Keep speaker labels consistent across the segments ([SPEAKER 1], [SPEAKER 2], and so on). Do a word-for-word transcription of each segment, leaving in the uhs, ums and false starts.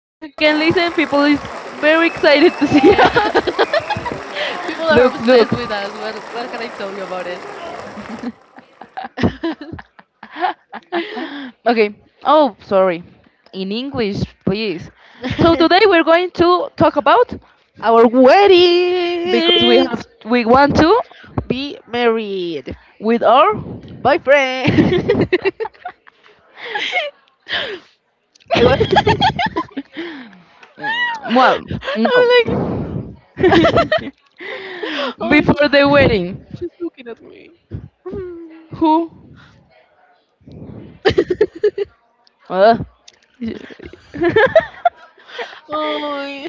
[SPEAKER 1] As you can listen, people is very excited to see
[SPEAKER 2] Yeah,
[SPEAKER 1] us.
[SPEAKER 2] people are
[SPEAKER 1] Look, look.
[SPEAKER 2] obsessed with us. What what can I tell you about it?
[SPEAKER 1] Okay. Oh, sorry. In English, please. So today we're going to talk about
[SPEAKER 2] Our
[SPEAKER 1] because we
[SPEAKER 2] weddings.
[SPEAKER 1] have we want to
[SPEAKER 2] Be married,
[SPEAKER 1] with our.
[SPEAKER 2] boyfriend. I was.
[SPEAKER 1] Mm, well,
[SPEAKER 2] I'm
[SPEAKER 1] no.
[SPEAKER 2] like. Oh
[SPEAKER 1] Before the
[SPEAKER 2] no!
[SPEAKER 1] wedding,
[SPEAKER 2] She's looking at me.
[SPEAKER 1] who? Uh, we
[SPEAKER 2] Oh,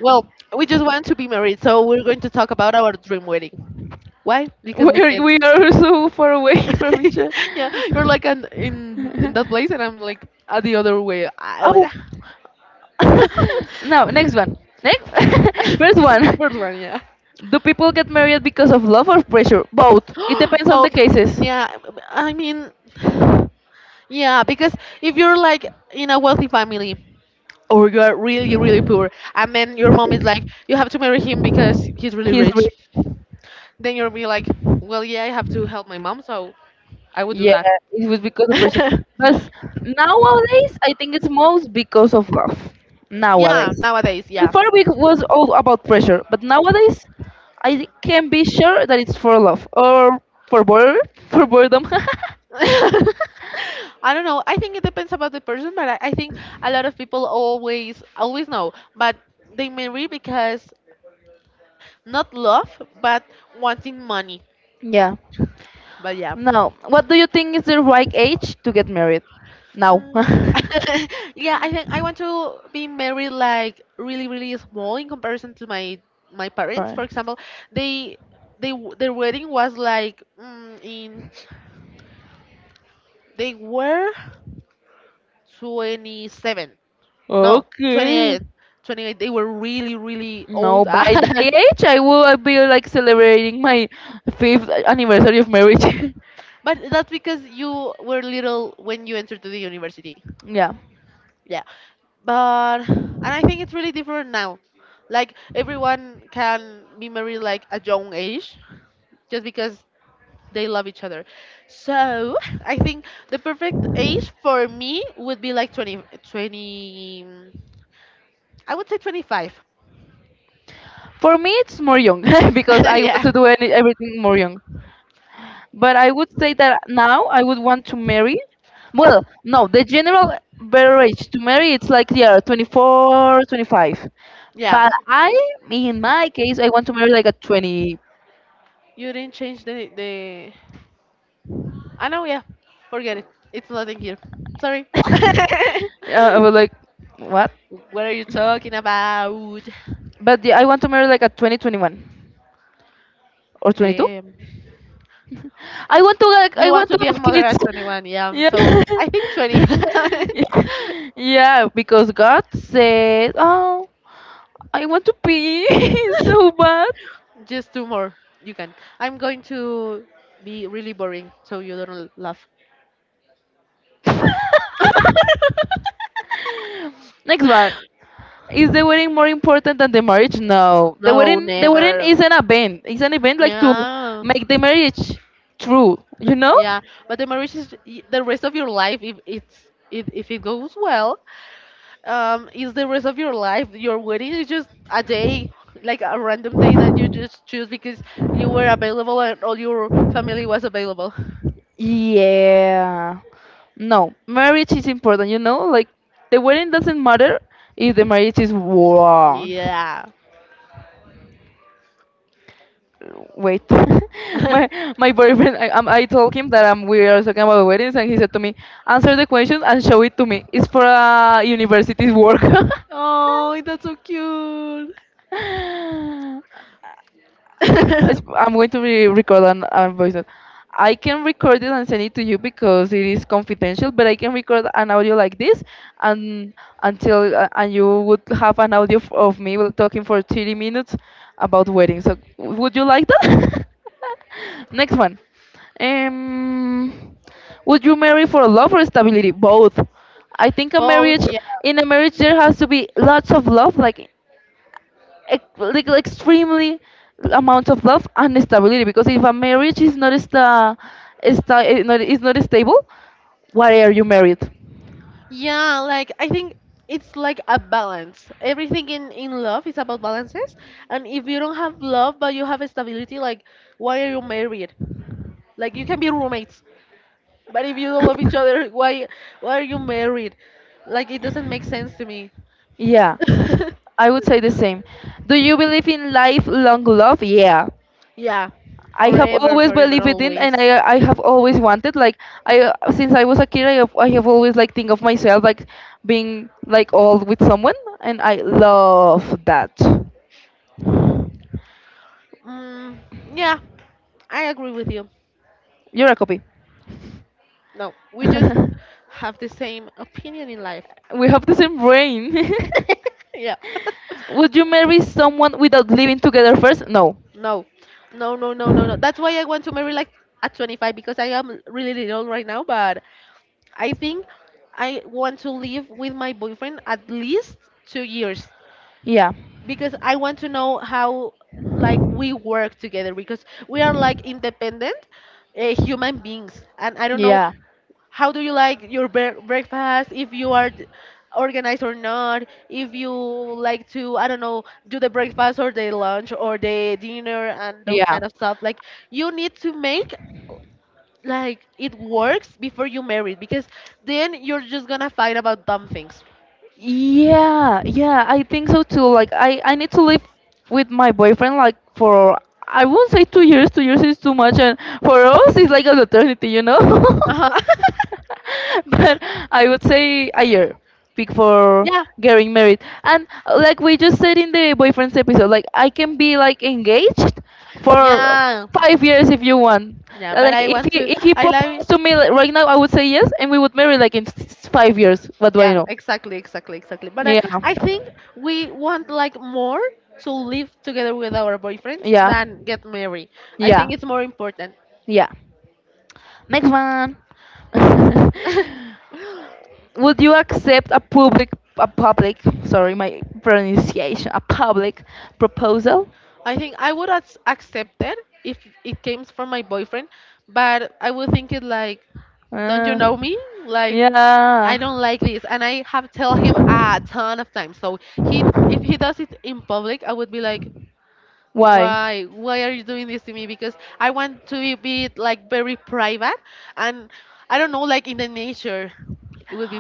[SPEAKER 2] well, we just want to be married, so we're going to talk about our dream wedding. Why? Because we can.
[SPEAKER 1] we are so far away from each other.
[SPEAKER 2] Yeah, you're like an, in in that place, and I'm like at the other way. Ah, I would.
[SPEAKER 1] Oh, now. Next one. Next, first one.
[SPEAKER 2] First one, yeah.
[SPEAKER 1] Do people get married because of love or pressure? Both. It depends on
[SPEAKER 2] Both.
[SPEAKER 1] the cases.
[SPEAKER 2] Yeah, I mean, yeah, because if you're like in a wealthy family or you're really, really poor, and then your mom is like, you have to marry him because he's really
[SPEAKER 1] He's
[SPEAKER 2] rich.
[SPEAKER 1] re-
[SPEAKER 2] Then you'll be like, well, yeah, I have to help my mom, so I would do
[SPEAKER 1] yeah,
[SPEAKER 2] that.
[SPEAKER 1] it was because of pressure. But nowadays, I think it's most because of love.
[SPEAKER 2] Yeah,
[SPEAKER 1] Nowadays,
[SPEAKER 2] nowadays, yeah.
[SPEAKER 1] before we was all about pressure, but nowadays, I can be sure that it's for love or for boredom. For boredom.
[SPEAKER 2] I don't know. I think it depends about the person, but I, I think a lot of people always always know, but they marry because not love, but wanting money.
[SPEAKER 1] Yeah.
[SPEAKER 2] But yeah.
[SPEAKER 1] Now, what do you think is the right age to get married? Now.
[SPEAKER 2] No. Yeah, I think I want to be married like really, really small in comparison to my my parents.
[SPEAKER 1] Bye.
[SPEAKER 2] For example, they they w- their wedding was like mm, in they were twenty seven. No, twenty
[SPEAKER 1] Okay.
[SPEAKER 2] eight, twenty eight. They were really, really
[SPEAKER 1] No,
[SPEAKER 2] old.
[SPEAKER 1] by that age, I will be like celebrating my fifth anniversary of marriage.
[SPEAKER 2] But that's because you were little when you entered to the university.
[SPEAKER 1] Yeah.
[SPEAKER 2] Yeah. But and I think it's really different now. Like everyone can be married like a young age just because they love each other. So I think the perfect age for me would be like twenty, twenty. I would say twenty five.
[SPEAKER 1] For me, it's more young because I want
[SPEAKER 2] Yeah.
[SPEAKER 1] to do any, everything more young. But I would say that now I would want to marry. Well, no, the general better age to marry it's like yeah, twenty four, twenty five.
[SPEAKER 2] Yeah.
[SPEAKER 1] But I, in my case, I want to marry like at twenty.
[SPEAKER 2] You didn't change the, the. I know, yeah. Forget it. It's not in here. Sorry.
[SPEAKER 1] Yeah, I was like, what?
[SPEAKER 2] What are you talking about?
[SPEAKER 1] But yeah, I want to marry like at twenty, twenty one, or twenty two.
[SPEAKER 2] Damn.
[SPEAKER 1] I want to like
[SPEAKER 2] You
[SPEAKER 1] I
[SPEAKER 2] want
[SPEAKER 1] want
[SPEAKER 2] to
[SPEAKER 1] to
[SPEAKER 2] be a
[SPEAKER 1] have
[SPEAKER 2] mother
[SPEAKER 1] kids.
[SPEAKER 2] at twenty one. Yeah.
[SPEAKER 1] Yeah.
[SPEAKER 2] So I think twenty.
[SPEAKER 1] Yeah, yeah, because God said, "Oh, I want to pee so bad."
[SPEAKER 2] Just two more. You can. I'm going to be really boring so you don't l- laugh.
[SPEAKER 1] Next one. Is the wedding more important than the marriage? No. The
[SPEAKER 2] No,
[SPEAKER 1] wedding the wedding
[SPEAKER 2] never.
[SPEAKER 1] is an event. It's an event like to
[SPEAKER 2] Yeah.
[SPEAKER 1] make the marriage true, you know.
[SPEAKER 2] Yeah, but the marriage is y- the rest of your life if it's if, if it goes well, um, is the rest of your life. Your wedding is just a day, like a random day that you just choose because you were available and all your family was available.
[SPEAKER 1] Yeah. No, marriage is important, you know? Like, the wedding doesn't matter if the marriage is wrong.
[SPEAKER 2] Yeah.
[SPEAKER 1] Wait, my my boyfriend, I, um, I told him that um, we are talking about weddings, and he said to me, answer the question and show it to me. It's for a university's work.
[SPEAKER 2] Oh, that's so cute.
[SPEAKER 1] It's- I'm going to re record an, a voice note. I can record it and send it to you because it is confidential, but I can record an audio like this and until uh, and you would have an audio f- of me will- talking for thirty minutes about weddings. So w- would you like that? Next one. Um, would you marry for love or stability? Both. I think a
[SPEAKER 2] Both,
[SPEAKER 1] marriage
[SPEAKER 2] yeah.
[SPEAKER 1] in a marriage there has to be lots of love, like ex- like like extremely amount of love and stability because if a marriage is not sta, sta eh, not, is not stable. Why are you married?
[SPEAKER 2] Yeah, like I think it's like a balance. Everything in in love is about balances. And if you don't have love but you have stability, like why are you married? Like you can be roommates, but if you don't love each other, why why are you married? Like it doesn't make sense to me.
[SPEAKER 1] Yeah, I would say the same. Do you believe in lifelong love? Yeah,
[SPEAKER 2] Yeah,
[SPEAKER 1] I have
[SPEAKER 2] forever,
[SPEAKER 1] always
[SPEAKER 2] forever,
[SPEAKER 1] believed it in, and
[SPEAKER 2] always.
[SPEAKER 1] I I have always wanted. Like I since I was a kid, I have I have always like think of myself like being like all with someone, and I love that.
[SPEAKER 2] Mm, yeah, I agree with you.
[SPEAKER 1] You're a copy.
[SPEAKER 2] No, we
[SPEAKER 1] We
[SPEAKER 2] just have the same opinion in life.
[SPEAKER 1] have the same brain.
[SPEAKER 2] Yeah.
[SPEAKER 1] Would you marry someone without living together first? No.
[SPEAKER 2] No. No, no, no, no, no. That's why I want to marry like at twenty five because I am really little right now, but I think I want to live with my boyfriend at least two years
[SPEAKER 1] Yeah.
[SPEAKER 2] because I want to know how like we work together because we are like independent uh, human beings and I don't know
[SPEAKER 1] Yeah.
[SPEAKER 2] how do you like your bre- breakfast if you are d- organized or not if you like to I don't know do the breakfast or the lunch or the dinner and those
[SPEAKER 1] Yeah.
[SPEAKER 2] kind of stuff like you need to make like it works before you marry because then you're just gonna fight about dumb things.
[SPEAKER 1] Yeah, yeah, I think so too. Like I I need to live with my boyfriend like for I won't say two years. two years is too much and for us it's like an eternity, you know?
[SPEAKER 2] Uh-huh.
[SPEAKER 1] But I would say a year big for
[SPEAKER 2] yeah
[SPEAKER 1] getting married. And uh, like we just said in the boyfriends episode, like I can be like engaged for
[SPEAKER 2] yeah
[SPEAKER 1] five years if you want.
[SPEAKER 2] yeah but
[SPEAKER 1] Like
[SPEAKER 2] I
[SPEAKER 1] if
[SPEAKER 2] want
[SPEAKER 1] he
[SPEAKER 2] to
[SPEAKER 1] if he
[SPEAKER 2] I like
[SPEAKER 1] proposed to me like, right now I would say yes and we would marry like in s- s- five years. What do I
[SPEAKER 2] Yeah,
[SPEAKER 1] know?
[SPEAKER 2] exactly, exactly, exactly. But I,
[SPEAKER 1] Yeah.
[SPEAKER 2] I think we want like more to live together with our boyfriends
[SPEAKER 1] Yeah.
[SPEAKER 2] than get married. I
[SPEAKER 1] Yeah.
[SPEAKER 2] think it's more important.
[SPEAKER 1] Yeah. Next one. Would you accept a public a public sorry my pronunciation a public proposal?
[SPEAKER 2] I think I would ac- accept it if it came from my boyfriend, but I would think it like, don't you know
[SPEAKER 1] Uh,
[SPEAKER 2] me? Like, I
[SPEAKER 1] yeah.
[SPEAKER 2] don't like this, and I have tell him a ton of times. So he, if he does it in public, I would be like,
[SPEAKER 1] Why?
[SPEAKER 2] why why are you doing this to me because I want to be be like very private and I don't know like in the nature it would be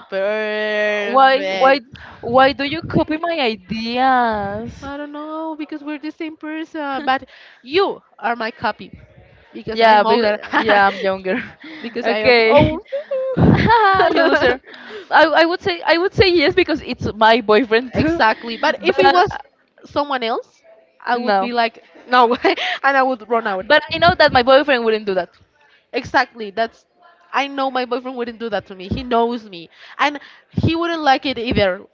[SPEAKER 1] Why why
[SPEAKER 2] perfect.
[SPEAKER 1] why do you copy my ideas?
[SPEAKER 2] I don't know because we're the same person but you are my copy because
[SPEAKER 1] Yeah,
[SPEAKER 2] I'm older.
[SPEAKER 1] but, yeah, I'm younger.
[SPEAKER 2] Because I am
[SPEAKER 1] Okay.
[SPEAKER 2] old.
[SPEAKER 1] You loser. I, I would say I would say yes because it's my boyfriend too.
[SPEAKER 2] Exactly. But if
[SPEAKER 1] But
[SPEAKER 2] it
[SPEAKER 1] uh,
[SPEAKER 2] was someone else, I would
[SPEAKER 1] no.
[SPEAKER 2] be like, no, and I would run out.
[SPEAKER 1] But I know that my boyfriend wouldn't do that.
[SPEAKER 2] Exactly. That's I know my boyfriend wouldn't do that to me. He knows me, and he wouldn't like it either.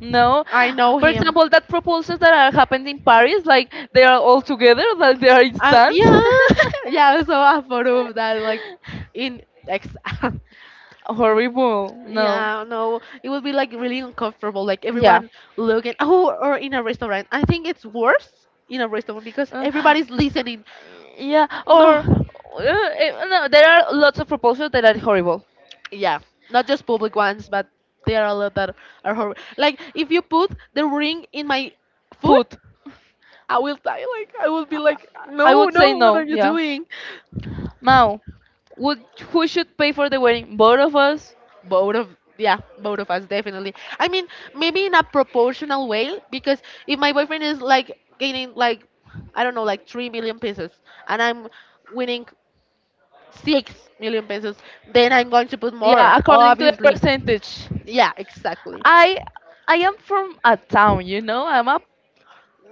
[SPEAKER 1] No.
[SPEAKER 2] I know
[SPEAKER 1] For
[SPEAKER 2] him.
[SPEAKER 1] example, that proposals that are happened in Paris, like they are all together, like they are in
[SPEAKER 2] Um, class.
[SPEAKER 1] stands.
[SPEAKER 2] Yeah, yeah. So I photo of that like in exam.
[SPEAKER 1] Horrible. No.
[SPEAKER 2] Yeah, no, it would be like really uncomfortable, like
[SPEAKER 1] Yeah.
[SPEAKER 2] everyone looking. Oh, or in a restaurant. I think it's worse in a restaurant because
[SPEAKER 1] Uh,
[SPEAKER 2] everybody's listening.
[SPEAKER 1] yeah, or
[SPEAKER 2] Oh, no,
[SPEAKER 1] uh, eh, no, there are lots of proposals that are horrible.
[SPEAKER 2] yeah, not just public ones, but there are a lot that are horrible. Like if you put the ring in my food,
[SPEAKER 1] Food.
[SPEAKER 2] I will die. Like I will be like,
[SPEAKER 1] I
[SPEAKER 2] no,
[SPEAKER 1] would say
[SPEAKER 2] no, what
[SPEAKER 1] no.
[SPEAKER 2] are you
[SPEAKER 1] Yeah.
[SPEAKER 2] doing?
[SPEAKER 1] Now, would who should pay for the wedding? Both of us.
[SPEAKER 2] Both of Yeah, both of us definitely. I mean, maybe in a proportional way because if my boyfriend is like gaining like I don't know like three million pesos and I'm winning six million pesos, then I'm going to put more,
[SPEAKER 1] Yeah, according to the
[SPEAKER 2] obviously.
[SPEAKER 1] percentage.
[SPEAKER 2] Yeah, exactly.
[SPEAKER 1] I I am from a town, you know. I'm a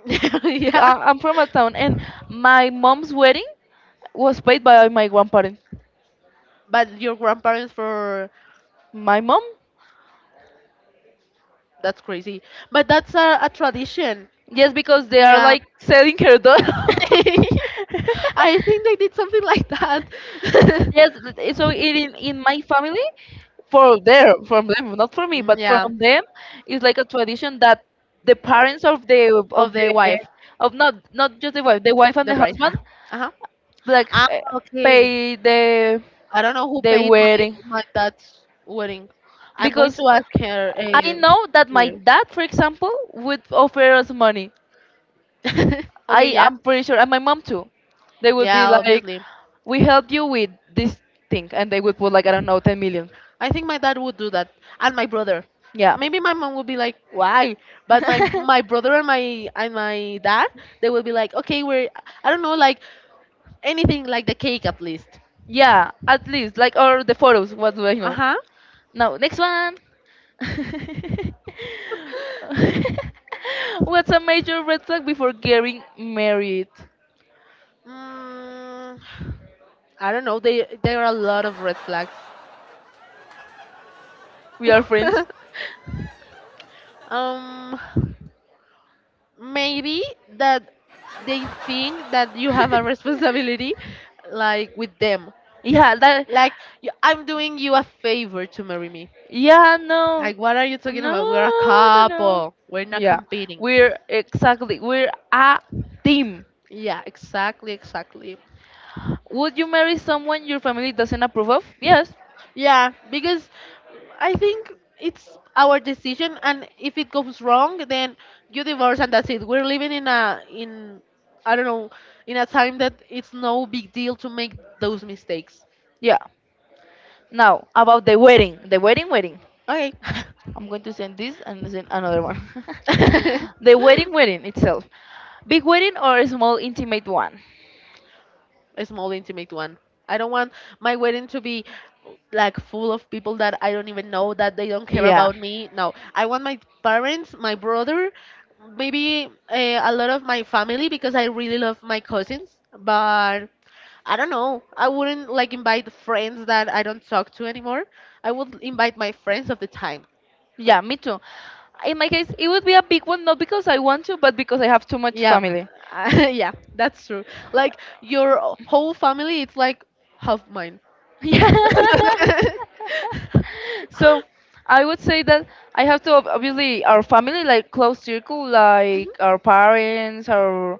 [SPEAKER 2] Yeah.
[SPEAKER 1] I- I'm from a town, and my mom's wedding was paid by my grandparents.
[SPEAKER 2] But your grandparents for.
[SPEAKER 1] My mom,
[SPEAKER 2] That's crazy. But that's a, a tradition.
[SPEAKER 1] yes, because they are
[SPEAKER 2] Yeah.
[SPEAKER 1] like selling her daughter.
[SPEAKER 2] I think they did something like that.
[SPEAKER 1] Yes, th- th- so it in, in my family, for there, from them, not for me,
[SPEAKER 2] Mm,
[SPEAKER 1] but
[SPEAKER 2] yeah.
[SPEAKER 1] from them, it's like a tradition that the parents of the
[SPEAKER 2] Of
[SPEAKER 1] of
[SPEAKER 2] the
[SPEAKER 1] the
[SPEAKER 2] wife,
[SPEAKER 1] of not not just the wife, the wife and
[SPEAKER 2] the
[SPEAKER 1] the
[SPEAKER 2] bride. Huh?
[SPEAKER 1] husband,
[SPEAKER 2] Uh-huh.
[SPEAKER 1] like
[SPEAKER 2] Ah,
[SPEAKER 1] eh,
[SPEAKER 2] okay.
[SPEAKER 1] pay the
[SPEAKER 2] I don't know who
[SPEAKER 1] the
[SPEAKER 2] paid my,
[SPEAKER 1] wedding
[SPEAKER 2] my dad's wedding. I'm going
[SPEAKER 1] because
[SPEAKER 2] to ask her.
[SPEAKER 1] I
[SPEAKER 2] Uh,
[SPEAKER 1] know that my dad, for example, would offer us money.
[SPEAKER 2] there. Okay,
[SPEAKER 1] I
[SPEAKER 2] yeah.
[SPEAKER 1] am pretty sure, and my mom too. They would be
[SPEAKER 2] Yeah,
[SPEAKER 1] like,
[SPEAKER 2] obviously.
[SPEAKER 1] "We help you with this thing," and they would put like I don't know, ten million.
[SPEAKER 2] I think my dad would do that, and my brother.
[SPEAKER 1] Yeah.
[SPEAKER 2] Maybe my mom would be like, "Why?" But my my brother and my and my dad, they would be like, "Okay, we're I don't know, like anything, like the cake at least."
[SPEAKER 1] Yeah, at least like all the photos. What do I
[SPEAKER 2] Uh
[SPEAKER 1] know?
[SPEAKER 2] huh.
[SPEAKER 1] Now next one. What's a major red flag before getting married?
[SPEAKER 2] Mm, I don't know. They There are a lot of red flags.
[SPEAKER 1] We are friends.
[SPEAKER 2] um, Maybe that they think that you have a responsibility, like with them.
[SPEAKER 1] Yeah, that.
[SPEAKER 2] Like, y- I'm doing you a favor to marry me.
[SPEAKER 1] Yeah, no.
[SPEAKER 2] Like, what are you talking
[SPEAKER 1] No,
[SPEAKER 2] about? We're a
[SPEAKER 1] no, no.
[SPEAKER 2] couple. We're not
[SPEAKER 1] Yeah,
[SPEAKER 2] competing.
[SPEAKER 1] we're exactly, we're a team.
[SPEAKER 2] Yeah, exactly, exactly.
[SPEAKER 1] Would you marry someone your family doesn't approve of? Yes.
[SPEAKER 2] Yeah, because I think it's our decision, and if it goes wrong, then you divorce, and that's it. We're living in a in I don't know in a time that it's no big deal to make those mistakes.
[SPEAKER 1] Yeah. Now, about the wedding, the wedding, wedding.
[SPEAKER 2] Okay.
[SPEAKER 1] I'm going to send this and send another one. The wedding, wedding itself. Big wedding or a small, intimate one?
[SPEAKER 2] A small intimate one. I don't want my wedding to be like full of people that I don't even know that they don't care
[SPEAKER 1] Yeah.
[SPEAKER 2] about me. No, I want my parents, my brother, maybe uh, a lot of my family because I really love my cousins, but I don't know. I wouldn't like invite friends that I don't talk to anymore. I would invite my friends of the time.
[SPEAKER 1] Yeah, me too. In my case, it would be a big one, not because I want to, but because I have too much
[SPEAKER 2] Yeah,
[SPEAKER 1] family.
[SPEAKER 2] yeah, that's true. Like your whole family, it's like half mine.
[SPEAKER 1] Yeah. So I would say that I have to ob- obviously our family like close circle
[SPEAKER 2] Mhm.
[SPEAKER 1] like our parents our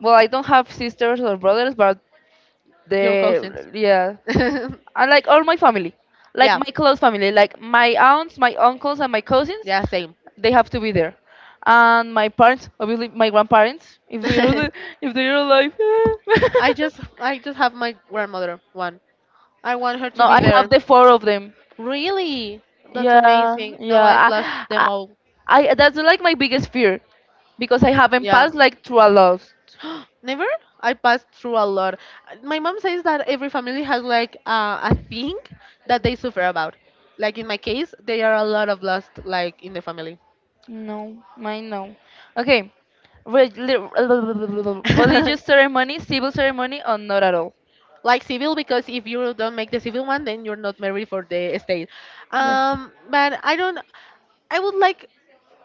[SPEAKER 1] well I don't have sisters or brothers but
[SPEAKER 2] Your
[SPEAKER 1] they
[SPEAKER 2] cousins.
[SPEAKER 1] yeah and like all my family like
[SPEAKER 2] Yeah,
[SPEAKER 1] my close family like my aunts my uncles and my cousins
[SPEAKER 2] yeah, same.
[SPEAKER 1] they have to be there and my parents obviously my grandparents if they are the, if they are alive.
[SPEAKER 2] I just, I just have my grandmother one. I want her
[SPEAKER 1] No
[SPEAKER 2] to be
[SPEAKER 1] I
[SPEAKER 2] there.
[SPEAKER 1] have the four of them.
[SPEAKER 2] Really? That's
[SPEAKER 1] Yeah,
[SPEAKER 2] amazing. No, I've
[SPEAKER 1] yeah.
[SPEAKER 2] lost them
[SPEAKER 1] I,
[SPEAKER 2] all.
[SPEAKER 1] I, I that's like my biggest fear because I haven't
[SPEAKER 2] Yeah.
[SPEAKER 1] passed like through a lot.
[SPEAKER 2] Never? I passed through a lot. Uh, My mom says that every family has like uh, a thing that they suffer about. Like in my case, there are a lot of loss like in the family.
[SPEAKER 1] No, mine no. Okay. Re- li- religious ceremony, civil ceremony, or not at all.
[SPEAKER 2] Like civil because if you don't make the civil one then you're not married for the estate.
[SPEAKER 1] Yeah.
[SPEAKER 2] Um but I don't I would like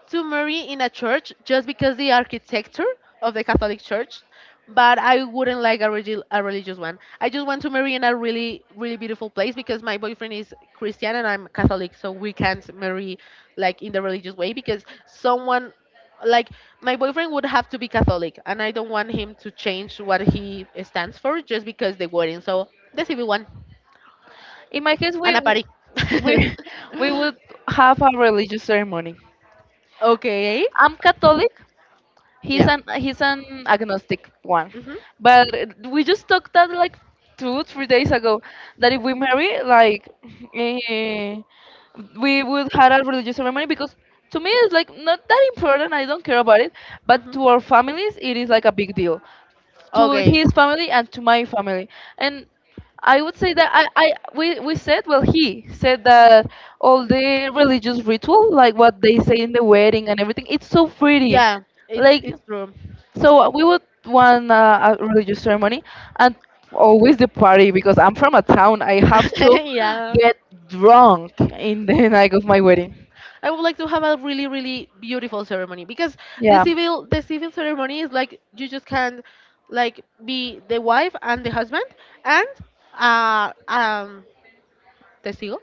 [SPEAKER 2] to marry in a church just because the architecture of the Catholic Church, but I wouldn't like a, regi- a religious one. I just want to marry in a really, really beautiful place because my boyfriend is Christian and I'm Catholic, so we can't marry like in the religious way because someone like my boyfriend would have to be Catholic and I don't want him to change what he stands for just because the wedding. So the civil one
[SPEAKER 1] In my case, we
[SPEAKER 2] and a
[SPEAKER 1] w-
[SPEAKER 2] party.
[SPEAKER 1] we we would have a religious ceremony.
[SPEAKER 2] Okay.
[SPEAKER 1] I'm Catholic. He's
[SPEAKER 2] Yeah.
[SPEAKER 1] an he's an agnostic one,
[SPEAKER 2] Mhm.
[SPEAKER 1] but we just talked that like two, three days ago that if we marry like eh, we would have a religious ceremony because to me it's like not that important. I don't care about it, but
[SPEAKER 2] Mhm.
[SPEAKER 1] to our families it is like a big deal to his family and to my family. And I would say that I, I we, we said, well, he said that all the
[SPEAKER 2] Okay.
[SPEAKER 1] religious ritual, like what they say in the wedding and everything, it's so pretty.
[SPEAKER 2] Yeah, it's
[SPEAKER 1] Like,
[SPEAKER 2] it's true.
[SPEAKER 1] so we would want uh, a religious ceremony and always the party because I'm from a town. I have to
[SPEAKER 2] Yeah,
[SPEAKER 1] get drunk in the night of my wedding.
[SPEAKER 2] I would like to have a really really beautiful ceremony because the
[SPEAKER 1] Yeah.
[SPEAKER 2] civil the civil ceremony is like you just can like be the wife and the husband and uh um testigo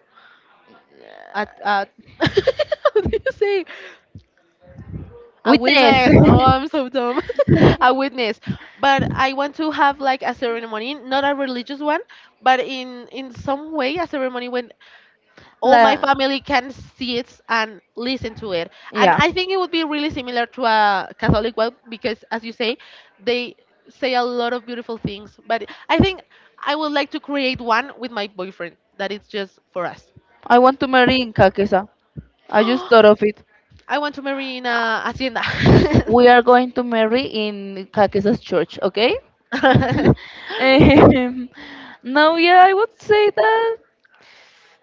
[SPEAKER 2] at uh how do you say a
[SPEAKER 1] Witness.
[SPEAKER 2] witness. Oh, I'm so dumb. A witness. But I want to have like a ceremony, not a religious one, but in in some way a ceremony when all my
[SPEAKER 1] The,
[SPEAKER 2] family can see it and listen to it. And
[SPEAKER 1] yeah.
[SPEAKER 2] I think it would be really similar to a Catholic one because, as you say, they say a lot of beautiful things. But I think I would like to create one with my boyfriend that is just for us.
[SPEAKER 1] I want to marry in Kakesa. I just thought of it.
[SPEAKER 2] I want to marry in a hacienda.
[SPEAKER 1] We are going to marry in Kakesa's church, okay? um, no, yeah, I would say that.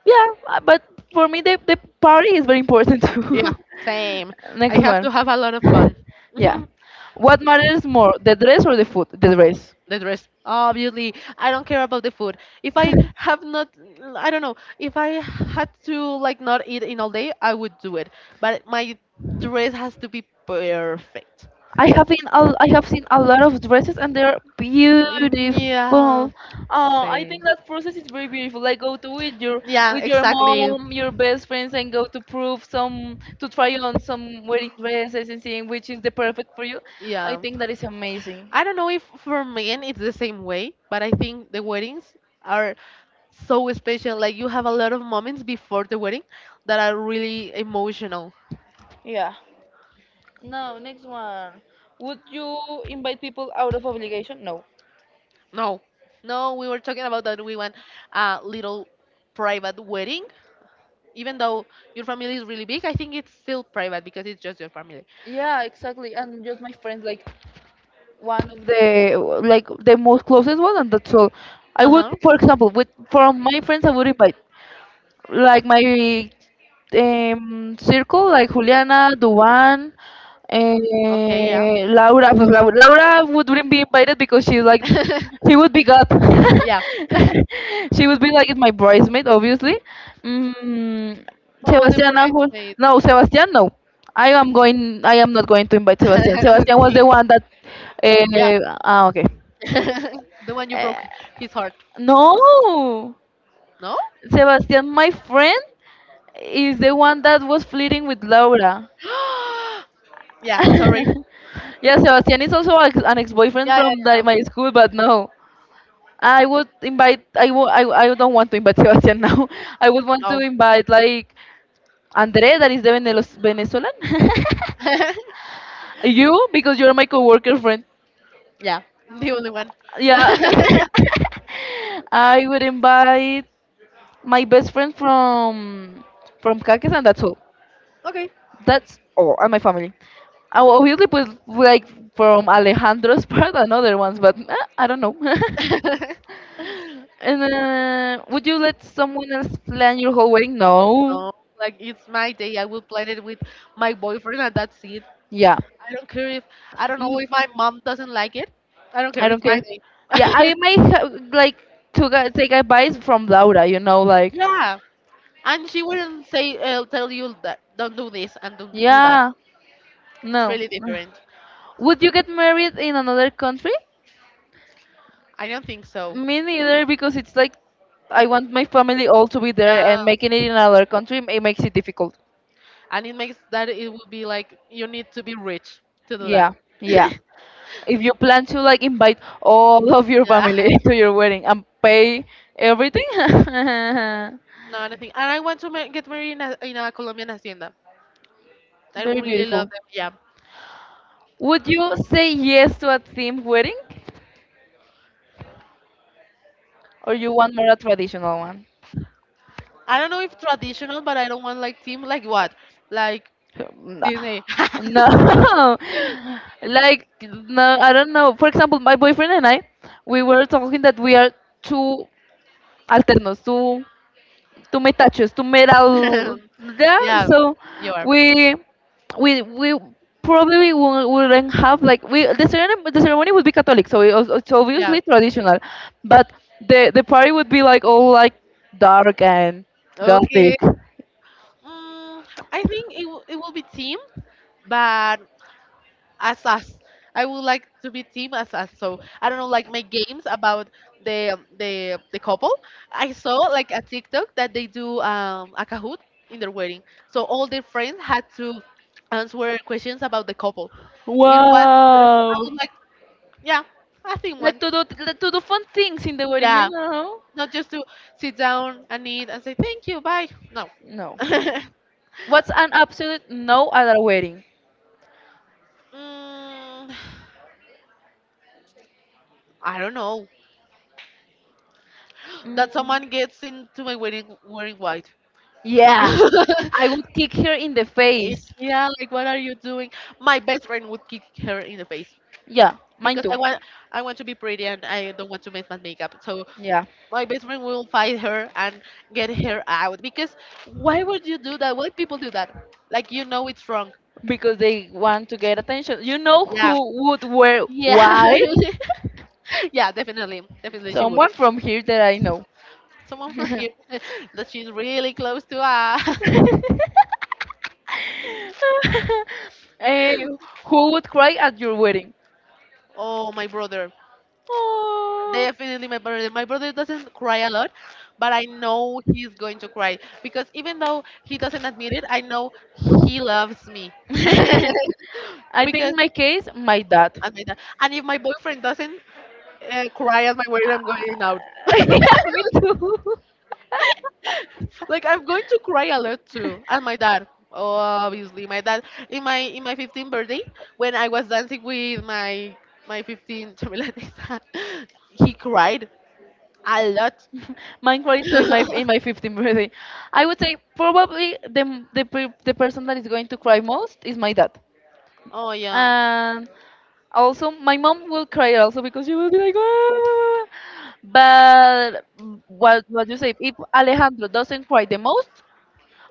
[SPEAKER 1] Yeah, uh, but for me, the, the party is very important
[SPEAKER 2] Yeah,
[SPEAKER 1] too.
[SPEAKER 2] same. I
[SPEAKER 1] Next
[SPEAKER 2] have
[SPEAKER 1] one.
[SPEAKER 2] to have a lot of fun.
[SPEAKER 1] Yeah.
[SPEAKER 2] Mhm.
[SPEAKER 1] What matters more, the dress or the food? The dress.
[SPEAKER 2] The dress, obviously. I don't care about the food. If I have not, I don't know. If I had to like not eat in all day, I would do it. But my dress has to be perfect.
[SPEAKER 1] I have seen a, I have seen a lot of dresses and they're
[SPEAKER 2] Yeah, yeah.
[SPEAKER 1] beautiful.
[SPEAKER 2] Oh,
[SPEAKER 1] Oh, I think
[SPEAKER 2] same.
[SPEAKER 1] that process is very beautiful. Like go to with your
[SPEAKER 2] Yeah,
[SPEAKER 1] with your
[SPEAKER 2] exactly.
[SPEAKER 1] mom, your best friends, and go to prove some to try on some wedding dresses and seeing which is the perfect for you. I
[SPEAKER 2] Yeah.
[SPEAKER 1] think that is amazing.
[SPEAKER 2] I don't know if for men it's the same way, but I think the weddings are so special. Like you have a lot of moments before the wedding that are really emotional.
[SPEAKER 1] Yeah. Now, next one. Would you invite people out of obligation? No.
[SPEAKER 2] No, no, we were talking about that we want a little private wedding. Even though your family is really big, I think it's still private because it's just your family.
[SPEAKER 1] Yeah, exactly. And just my friends, like one of the like the most closest one, and that's all. I
[SPEAKER 2] Uh
[SPEAKER 1] would,
[SPEAKER 2] huh.
[SPEAKER 1] for example, with from my friends, I would invite like my um, circle, like Juliana, Duan,
[SPEAKER 2] Okay, yeah.
[SPEAKER 1] eh, Laura. Pues Lau- Laura wouldn't be invited because she's like, she would be God.
[SPEAKER 2] Yeah.
[SPEAKER 1] She would be like my bridesmaid, obviously. Mm,
[SPEAKER 2] Oh, the
[SPEAKER 1] Sebastian Angel.
[SPEAKER 2] bridesmaid.
[SPEAKER 1] No, Sebastian, no. I am going. I am not going to invite Sebastian. Sebastian was
[SPEAKER 2] Okay.
[SPEAKER 1] the one that.
[SPEAKER 2] Yeah.
[SPEAKER 1] Uh, ah, okay.
[SPEAKER 2] The one you broke
[SPEAKER 1] Eh,
[SPEAKER 2] his heart.
[SPEAKER 1] no,
[SPEAKER 2] No?
[SPEAKER 1] Sebastian, my friend is the one that was flirting with Laura.
[SPEAKER 2] Yeah, sorry.
[SPEAKER 1] Yeah, Sebastian is also a- an ex-boyfriend
[SPEAKER 2] Yeah,
[SPEAKER 1] from the,
[SPEAKER 2] yeah,
[SPEAKER 1] my school, but no. I would
[SPEAKER 2] yeah.
[SPEAKER 1] invite. I wo- I I don't want to invite Sebastian now. I would want to
[SPEAKER 2] No.
[SPEAKER 1] invite like Andre, that is the Venelos- Venezuelan. You, because you're my coworker friend.
[SPEAKER 2] Yeah, the only one.
[SPEAKER 1] Yeah. I would invite my best friend from from Caques, and that's all.
[SPEAKER 2] Okay.
[SPEAKER 1] That's all, and my family. I will obviously put like from Alejandro's part and other ones, but eh, I don't know. and uh, would you let someone else plan your whole wedding? No.
[SPEAKER 2] No, like it's my day. I will plan it with my boyfriend, and that's it.
[SPEAKER 1] Yeah.
[SPEAKER 2] I don't care if I don't know
[SPEAKER 1] Mm,
[SPEAKER 2] if my mom doesn't like it. I don't
[SPEAKER 1] I
[SPEAKER 2] care.
[SPEAKER 1] don't
[SPEAKER 2] It's my
[SPEAKER 1] care. Yeah,
[SPEAKER 2] day.
[SPEAKER 1] I may ha- like to gu- take advice from Laura. You know, like
[SPEAKER 2] Yeah, and she wouldn't say uh, tell you that don't do this and don't do that.
[SPEAKER 1] yeah,
[SPEAKER 2] It's
[SPEAKER 1] no.
[SPEAKER 2] really different.
[SPEAKER 1] Would you get married in another country?
[SPEAKER 2] I don't think so.
[SPEAKER 1] Me neither, because it's like I want my family all to be there, and
[SPEAKER 2] Yeah,
[SPEAKER 1] making it in another country it makes it difficult.
[SPEAKER 2] and it makes that it would be like you need to be rich to do that.
[SPEAKER 1] Yeah,
[SPEAKER 2] Yeah,
[SPEAKER 1] yeah. If you plan to like invite all of your family to your wedding and pay everything.
[SPEAKER 2] no, nothing. And I want to ma- get married in a, in a Colombian hacienda. I
[SPEAKER 1] very
[SPEAKER 2] really love
[SPEAKER 1] beautiful.
[SPEAKER 2] them. Yeah.
[SPEAKER 1] Would you say yes to a themed wedding or you want more a traditional one?
[SPEAKER 2] I don't know if traditional, but I don't want like theme like what, like
[SPEAKER 1] No.
[SPEAKER 2] Disney.
[SPEAKER 1] No. Like no, I don't know. For example, my boyfriend and I, we were talking that we are two alternos, two to me touches, to
[SPEAKER 2] Yeah,
[SPEAKER 1] metal, yeah, so
[SPEAKER 2] you are.
[SPEAKER 1] we we we probably wou- wouldn't have like we the ceremony the ceremony would be catholic, so it, was- it's
[SPEAKER 2] Yeah.
[SPEAKER 1] obviously traditional, but the the party would be like all like dark and gothic.
[SPEAKER 2] Okay. Mm, I think it, w- it will be team, but as us. I would like to be team as us. So I don't know, like my games about the um, the the couple. I saw like a TikTok that they do um, a Kahoot in their wedding. So all their friends had to answer questions about the couple. It was beautiful. I
[SPEAKER 1] Wow,
[SPEAKER 2] would like, yeah, I think
[SPEAKER 1] like
[SPEAKER 2] one.
[SPEAKER 1] to do like, to do fun things in the wedding, you
[SPEAKER 2] Yeah,
[SPEAKER 1] know.
[SPEAKER 2] not just to sit down and eat and say thank you, bye. No.
[SPEAKER 1] No. What's an absolute no at a wedding?
[SPEAKER 2] Mm, I don't know that someone gets into my wedding
[SPEAKER 1] Mm.
[SPEAKER 2] wearing white.
[SPEAKER 1] Yeah, I would kick her in the
[SPEAKER 2] Yeah.
[SPEAKER 1] face.
[SPEAKER 2] Yeah, like what are you doing? My best friend would kick her in the face
[SPEAKER 1] Yeah, mine
[SPEAKER 2] because I
[SPEAKER 1] too.
[SPEAKER 2] want I want to be pretty and I don't want to mess my makeup. So
[SPEAKER 1] Yeah,
[SPEAKER 2] my best friend will fight her and get her out because why would you do that? Why people do that? Like you know it's wrong.
[SPEAKER 1] because they want to get attention. You know
[SPEAKER 2] Yeah.
[SPEAKER 1] who would wear
[SPEAKER 2] Yeah,
[SPEAKER 1] white?
[SPEAKER 2] yeah, definitely, definitely she would.
[SPEAKER 1] Someone from here that I know.
[SPEAKER 2] Someone for here that she's really close to. Ah,
[SPEAKER 1] Eh, who would cry at your wedding?
[SPEAKER 2] oh, my brother.
[SPEAKER 1] Oh.
[SPEAKER 2] Definitely, my brother. My brother doesn't cry a lot, but I know he's going to cry because even though he doesn't admit it, I know he loves me.
[SPEAKER 1] I think
[SPEAKER 2] Because
[SPEAKER 1] in my case, my dad.
[SPEAKER 2] admit that. And if my boyfriend doesn't uh, cry at my wedding, I'm going out.
[SPEAKER 1] yeah, me too.
[SPEAKER 2] Like I'm going to cry a lot too. And my dad, obviously, my dad in my in my fifteenth birthday when I was dancing with my my fifteenth chamilanes, he cried a lot.
[SPEAKER 1] Mine probably too in my in my fifteenth birthday. I would say probably the the pe- the person that is going to cry most is my dad.
[SPEAKER 2] Oh yeah.
[SPEAKER 1] And also my mom will cry also because she will be like "Ah." But what what you say if Alejandro doesn't cry the most,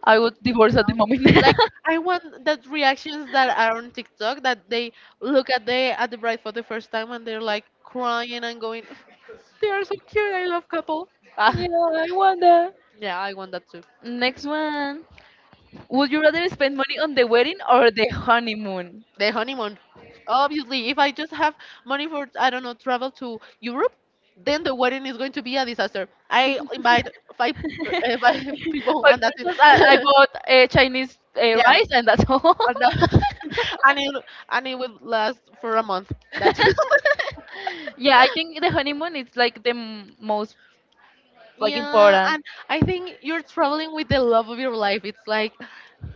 [SPEAKER 1] I would divorce at the moment.
[SPEAKER 2] Like I want that reactions that are on TikTok that they look at the at the bride for the first time and they're like crying and going, they are so cute. I love couple. Ah,
[SPEAKER 1] yeah, I wonder.
[SPEAKER 2] yeah, I want that too.
[SPEAKER 1] Next one. Would you rather spend money on the wedding or the honeymoon?
[SPEAKER 2] The honeymoon, obviously. If I just have money for I don't know travel to Europe, then the wedding is going to be a disaster.
[SPEAKER 1] For
[SPEAKER 2] I invite five, uh, five people and that's it.
[SPEAKER 1] Christmas, I, I bought uh, Chinese uh,
[SPEAKER 2] Yeah,
[SPEAKER 1] rice, and that's all.
[SPEAKER 2] and, uh, and it and it will last for a month. That's it.
[SPEAKER 1] yeah, I think the honeymoon is like the m- most like
[SPEAKER 2] Yeah, and
[SPEAKER 1] important.
[SPEAKER 2] I think you're traveling with the love of your life. It's like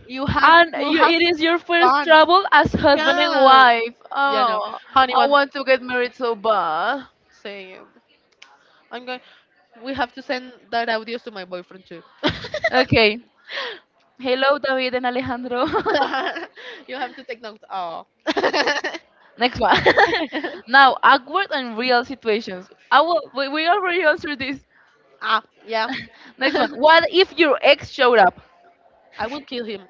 [SPEAKER 2] you have
[SPEAKER 1] And
[SPEAKER 2] to
[SPEAKER 1] you,
[SPEAKER 2] have
[SPEAKER 1] it is your first
[SPEAKER 2] fun.
[SPEAKER 1] travel as husband and
[SPEAKER 2] Yeah,
[SPEAKER 1] wife.
[SPEAKER 2] yeah, no,
[SPEAKER 1] Oh,
[SPEAKER 2] honey,
[SPEAKER 1] I
[SPEAKER 2] one
[SPEAKER 1] want to get married so bad.
[SPEAKER 2] second. I'm going. We have to send that audio to my boyfriend too.
[SPEAKER 1] Okay. Hello, David and Alejandro.
[SPEAKER 2] You have to take notes. Oh,
[SPEAKER 1] Next one. now, awkward and real situations. I will, we, we already answered this.
[SPEAKER 2] ah, yeah.
[SPEAKER 1] Next one. What if your ex showed up?
[SPEAKER 2] I would kill him.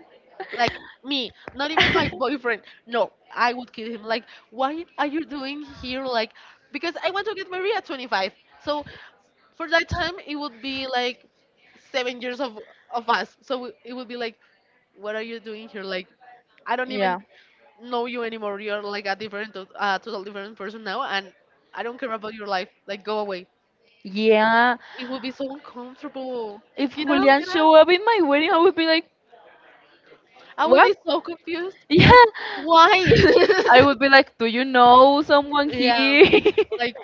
[SPEAKER 2] Like me, not even my boyfriend. No, I would kill him. Like, why are you doing here? Like, because I want to get married at twenty-five. So for that time, it would be like seven years of of us. So it would be like, what are you doing here? Like, I don't even
[SPEAKER 1] Yeah.
[SPEAKER 2] know you anymore. You're like a different, uh, total different person now, and I don't care about your life. Like, go away.
[SPEAKER 1] Yeah.
[SPEAKER 2] It would be so uncomfortable.
[SPEAKER 1] If
[SPEAKER 2] Get out,
[SPEAKER 1] Julian
[SPEAKER 2] get out.
[SPEAKER 1] show up in my wedding, I would be like,
[SPEAKER 2] I would
[SPEAKER 1] what?
[SPEAKER 2] be so confused.
[SPEAKER 1] Yeah.
[SPEAKER 2] Like, why?
[SPEAKER 1] I would be like, do you know someone
[SPEAKER 2] Yeah,
[SPEAKER 1] here?
[SPEAKER 2] like,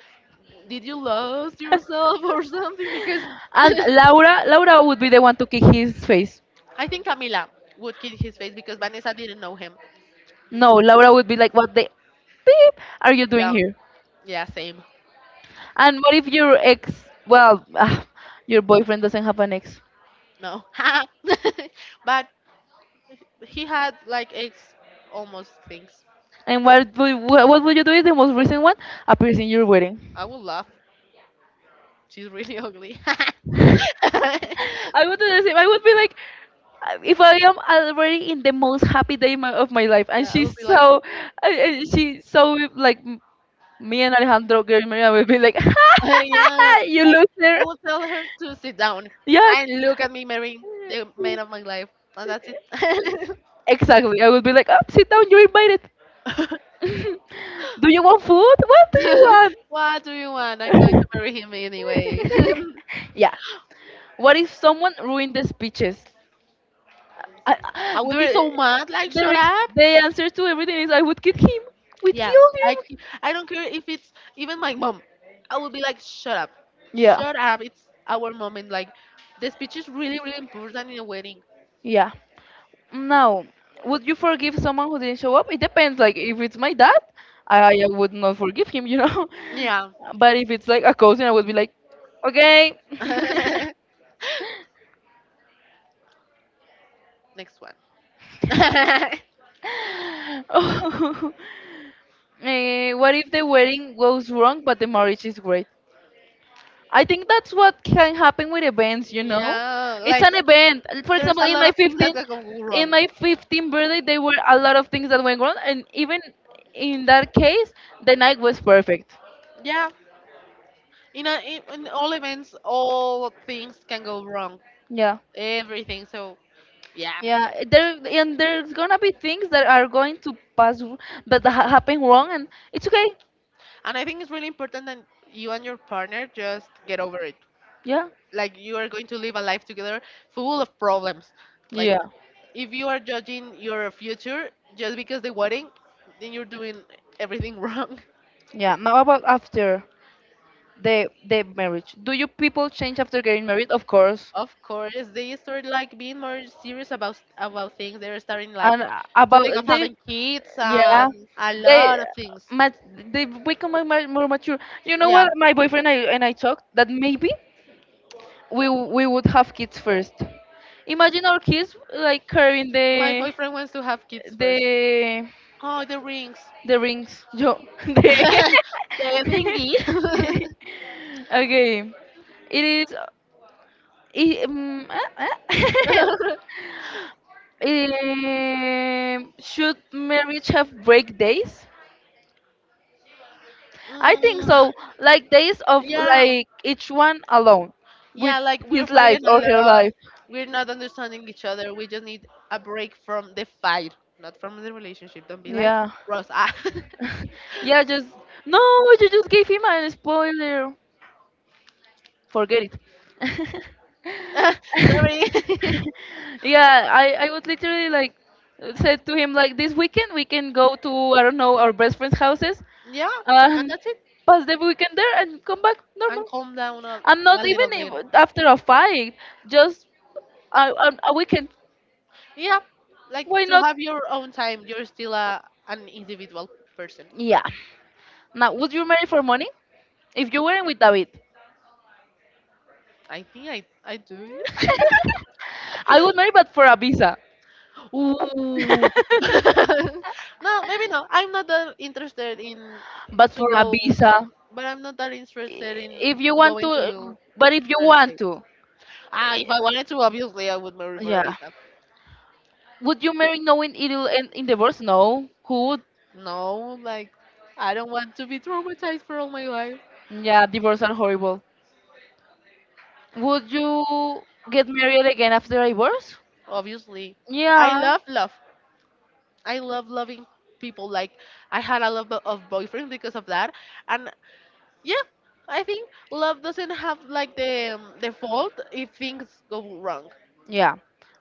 [SPEAKER 2] did you lose yourself or something? Because
[SPEAKER 1] and Laura, Laura would be the one to kick his face.
[SPEAKER 2] I think Camila would kill his face because Vanessa didn't know him.
[SPEAKER 1] No, Laura would be like, what the beep are you doing
[SPEAKER 2] Yeah,
[SPEAKER 1] here?
[SPEAKER 2] yeah, same.
[SPEAKER 1] And what if your ex, well, ah, your boyfriend doesn't have an ex?
[SPEAKER 2] No, but he had like ex almost things.
[SPEAKER 1] And what would, wha- what would you do if the most recent one appears in your wedding?
[SPEAKER 2] I would laugh. She's really ugly. Yeah,
[SPEAKER 1] I would do the same. I would be like, uh, if I am already in the most happy day my, of my life, and
[SPEAKER 2] I would
[SPEAKER 1] she's
[SPEAKER 2] be like,
[SPEAKER 1] so, uh, uh, she's so like m- me and Alejandro getting married, I would be like,
[SPEAKER 2] "Uh, yeah,
[SPEAKER 1] you
[SPEAKER 2] like
[SPEAKER 1] loser.
[SPEAKER 2] I would tell her to sit down
[SPEAKER 1] Yes.
[SPEAKER 2] and look at me marrying the man of my life, and that's it.
[SPEAKER 1] Exactly. I would be like, oh, sit down, you're invited. do you want food? What do you
[SPEAKER 2] What do you want? I'm going to
[SPEAKER 1] want?
[SPEAKER 2] marry him anyway.
[SPEAKER 1] yeah. What if someone ruined the speeches? I, I-
[SPEAKER 2] I would be
[SPEAKER 1] the,
[SPEAKER 2] so mad, like,
[SPEAKER 1] the,
[SPEAKER 2] shut
[SPEAKER 1] res-
[SPEAKER 2] up.
[SPEAKER 1] the answer to everything is I would kill him. We'd
[SPEAKER 2] Yeah,
[SPEAKER 1] kill him.
[SPEAKER 2] I, c- I don't care if it's even my mom. I would be like, shut up.
[SPEAKER 1] Yeah.
[SPEAKER 2] Shut up. It's our moment. Like, the speech is really, really important in a wedding.
[SPEAKER 1] Yeah. Now, would you forgive someone who didn't show up? It depends. Like, if it's my dad, I, I would not forgive him, you know.
[SPEAKER 2] Yeah.
[SPEAKER 1] But if it's like a cousin, I would be like, okay.
[SPEAKER 2] Next one.
[SPEAKER 1] oh. Eh, what if the wedding goes wrong, but the marriage is great? I think that's what can happen with events, you know.
[SPEAKER 2] Yeah,
[SPEAKER 1] It's
[SPEAKER 2] like,
[SPEAKER 1] an event. And for
[SPEAKER 2] there's
[SPEAKER 1] example,
[SPEAKER 2] a
[SPEAKER 1] in
[SPEAKER 2] lot
[SPEAKER 1] my
[SPEAKER 2] of things that
[SPEAKER 1] fifteen,
[SPEAKER 2] can go
[SPEAKER 1] in
[SPEAKER 2] wrong.
[SPEAKER 1] my fifteen birthday, there were a lot of things that went wrong, and even in that case, the night was perfect.
[SPEAKER 2] Yeah, in, a, in in all events, all things can go wrong.
[SPEAKER 1] Yeah,
[SPEAKER 2] Everything. So yeah,
[SPEAKER 1] yeah. There and there's gonna be things that are going to pass, w- but ha happen wrong, and it's okay.
[SPEAKER 2] and I think it's really important that you and your partner just get over it.
[SPEAKER 1] Yeah,
[SPEAKER 2] Like you are going to live a life together full of problems. Like
[SPEAKER 1] yeah,
[SPEAKER 2] if you are judging your future just because the wedding, then you're doing everything wrong.
[SPEAKER 1] yeah. Now about after the the marriage, do you people change after getting married? Of course.
[SPEAKER 2] Of course, they start like being more serious about about things. They're starting like
[SPEAKER 1] And
[SPEAKER 2] to think of
[SPEAKER 1] about they,
[SPEAKER 2] having kids
[SPEAKER 1] yeah,
[SPEAKER 2] and a
[SPEAKER 1] they
[SPEAKER 2] lot of things.
[SPEAKER 1] mat they become more ma- more mature. You know
[SPEAKER 2] Yeah,
[SPEAKER 1] what? My boyfriend and I, and I talked that maybe we w- we would have kids first. Imagine our kids like carrying
[SPEAKER 2] my
[SPEAKER 1] the
[SPEAKER 2] boyfriend wants to have kids first.
[SPEAKER 1] the
[SPEAKER 2] Oh, the rings.
[SPEAKER 1] The rings. Yo. De...
[SPEAKER 2] The thingy.
[SPEAKER 1] okay. It is. It, um, um, should marriage have break days? I think
[SPEAKER 2] Mm,
[SPEAKER 1] so. Like days of
[SPEAKER 2] yeah,
[SPEAKER 1] like each one alone with
[SPEAKER 2] yeah, like we're
[SPEAKER 1] his life
[SPEAKER 2] fighting a
[SPEAKER 1] or her
[SPEAKER 2] lot.
[SPEAKER 1] life.
[SPEAKER 2] We're not understanding each other. We just need a break from the fight, not from the relationship. Don't be like
[SPEAKER 1] Yeah.
[SPEAKER 2] Ross. Ah.
[SPEAKER 1] yeah, just no, you just gave him a spoiler. Forget it.
[SPEAKER 2] Ah, sorry.
[SPEAKER 1] yeah, I, I was literally like said to him like this weekend we can go to I don't know our best friend's houses
[SPEAKER 2] Yeah, and
[SPEAKER 1] and
[SPEAKER 2] that's it.
[SPEAKER 1] pass the weekend there and come back normal.
[SPEAKER 2] And calm down a,
[SPEAKER 1] I'm not
[SPEAKER 2] a
[SPEAKER 1] even
[SPEAKER 2] little bit.
[SPEAKER 1] if- after a fight, just a, a, a weekend.
[SPEAKER 2] Yeah, like
[SPEAKER 1] Why
[SPEAKER 2] to
[SPEAKER 1] not?
[SPEAKER 2] have your own time. You're still a, an individual person.
[SPEAKER 1] Yeah. Now, would you marry for money if you weren't with David?
[SPEAKER 2] I think I I do. Yeah.
[SPEAKER 1] I would marry, but for a visa.
[SPEAKER 2] Ooh. No, maybe no. I'm not that interested in
[SPEAKER 1] But
[SPEAKER 2] to
[SPEAKER 1] for a
[SPEAKER 2] go,
[SPEAKER 1] visa,
[SPEAKER 2] but I'm not that interested in
[SPEAKER 1] if you want
[SPEAKER 2] going
[SPEAKER 1] to,
[SPEAKER 2] to
[SPEAKER 1] but if you
[SPEAKER 2] United
[SPEAKER 1] want
[SPEAKER 2] States.
[SPEAKER 1] to,
[SPEAKER 2] Ah, if I wanted to, obviously I would marry for a
[SPEAKER 1] yeah.
[SPEAKER 2] visa.
[SPEAKER 1] Would you marry knowing it'll end in divorce? No. Who would?
[SPEAKER 2] No, like I don't want to be traumatized for all my life.
[SPEAKER 1] Yeah, divorce are horrible. Would you get married again after a divorce?
[SPEAKER 2] Obviously, I
[SPEAKER 1] Yeah.
[SPEAKER 2] love love. I love loving people. Like I had a lot of boyfriends because of that, and yeah, I think love doesn't have like the um, the fault if things go wrong.
[SPEAKER 1] Yeah.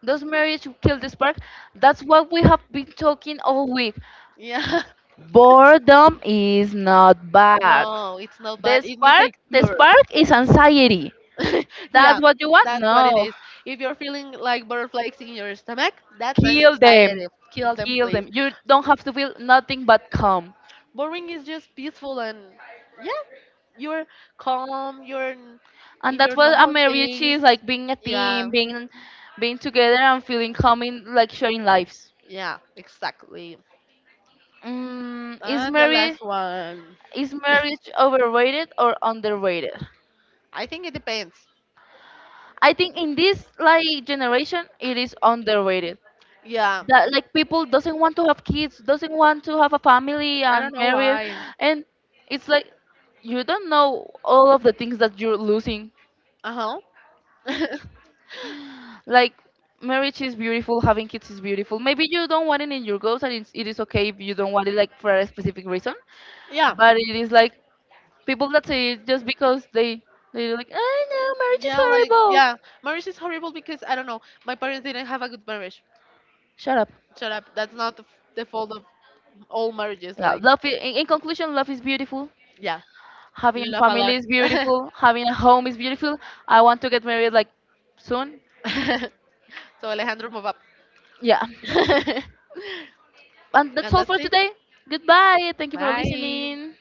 [SPEAKER 1] Does marriage kill the spark? That's what we have been talking all week.
[SPEAKER 2] Yeah,
[SPEAKER 1] Boredom is not bad.
[SPEAKER 2] no, it's not bad.
[SPEAKER 1] The
[SPEAKER 2] It means
[SPEAKER 1] spark, the
[SPEAKER 2] secure.
[SPEAKER 1] spark is anxiety.
[SPEAKER 2] Yeah,
[SPEAKER 1] That's what you want?
[SPEAKER 2] that's what it
[SPEAKER 1] No.
[SPEAKER 2] is. If you're feeling like butterflies in your stomach, that's
[SPEAKER 1] Kill them.
[SPEAKER 2] anxiety. Kill them,
[SPEAKER 1] Kill
[SPEAKER 2] please.
[SPEAKER 1] them. You don't have to feel nothing but calm.
[SPEAKER 2] Boring is just peaceful and yeah, you're calm, you're n- in
[SPEAKER 1] And
[SPEAKER 2] your
[SPEAKER 1] that's what a
[SPEAKER 2] normal
[SPEAKER 1] marriage
[SPEAKER 2] things.
[SPEAKER 1] is like being a
[SPEAKER 2] Yeah,
[SPEAKER 1] team, being being together and feeling calm in like sharing lives.
[SPEAKER 2] yeah, exactly.
[SPEAKER 1] Mm, is
[SPEAKER 2] And the last
[SPEAKER 1] marriage
[SPEAKER 2] one,
[SPEAKER 1] is marriage overrated or underrated?
[SPEAKER 2] I think it depends.
[SPEAKER 1] I think in this like generation it is underrated
[SPEAKER 2] Yeah,
[SPEAKER 1] that like people doesn't want to have kids doesn't want to have a family
[SPEAKER 2] I don't
[SPEAKER 1] and
[SPEAKER 2] know
[SPEAKER 1] married
[SPEAKER 2] why.
[SPEAKER 1] and it's like you don't know all of the things that you're losing
[SPEAKER 2] Uh huh.
[SPEAKER 1] like marriage is beautiful having kids is beautiful maybe you don't want it in your goals and it's, it is okay if you don't want it like for a specific reason
[SPEAKER 2] Yeah.
[SPEAKER 1] but it is like people that say it just because they they're like I know marriage is
[SPEAKER 2] Yeah, like
[SPEAKER 1] horrible
[SPEAKER 2] yeah, marriage is horrible because I don't know. My parents didn't have a good marriage.
[SPEAKER 1] shut up
[SPEAKER 2] Shut up. That's not the, f- the fault of all marriages.
[SPEAKER 1] yeah
[SPEAKER 2] Like
[SPEAKER 1] love i- in, in conclusion love is beautiful.
[SPEAKER 2] yeah,
[SPEAKER 1] Having a
[SPEAKER 2] love a lot.
[SPEAKER 1] family is beautiful. Having a home is beautiful. I want to get married like soon.
[SPEAKER 2] So Alejandro, move up.
[SPEAKER 1] Yeah. And
[SPEAKER 2] And
[SPEAKER 1] that's all
[SPEAKER 2] that's
[SPEAKER 1] for
[SPEAKER 2] it.
[SPEAKER 1] today. Goodbye. Thank you for
[SPEAKER 2] Bye.
[SPEAKER 1] listening.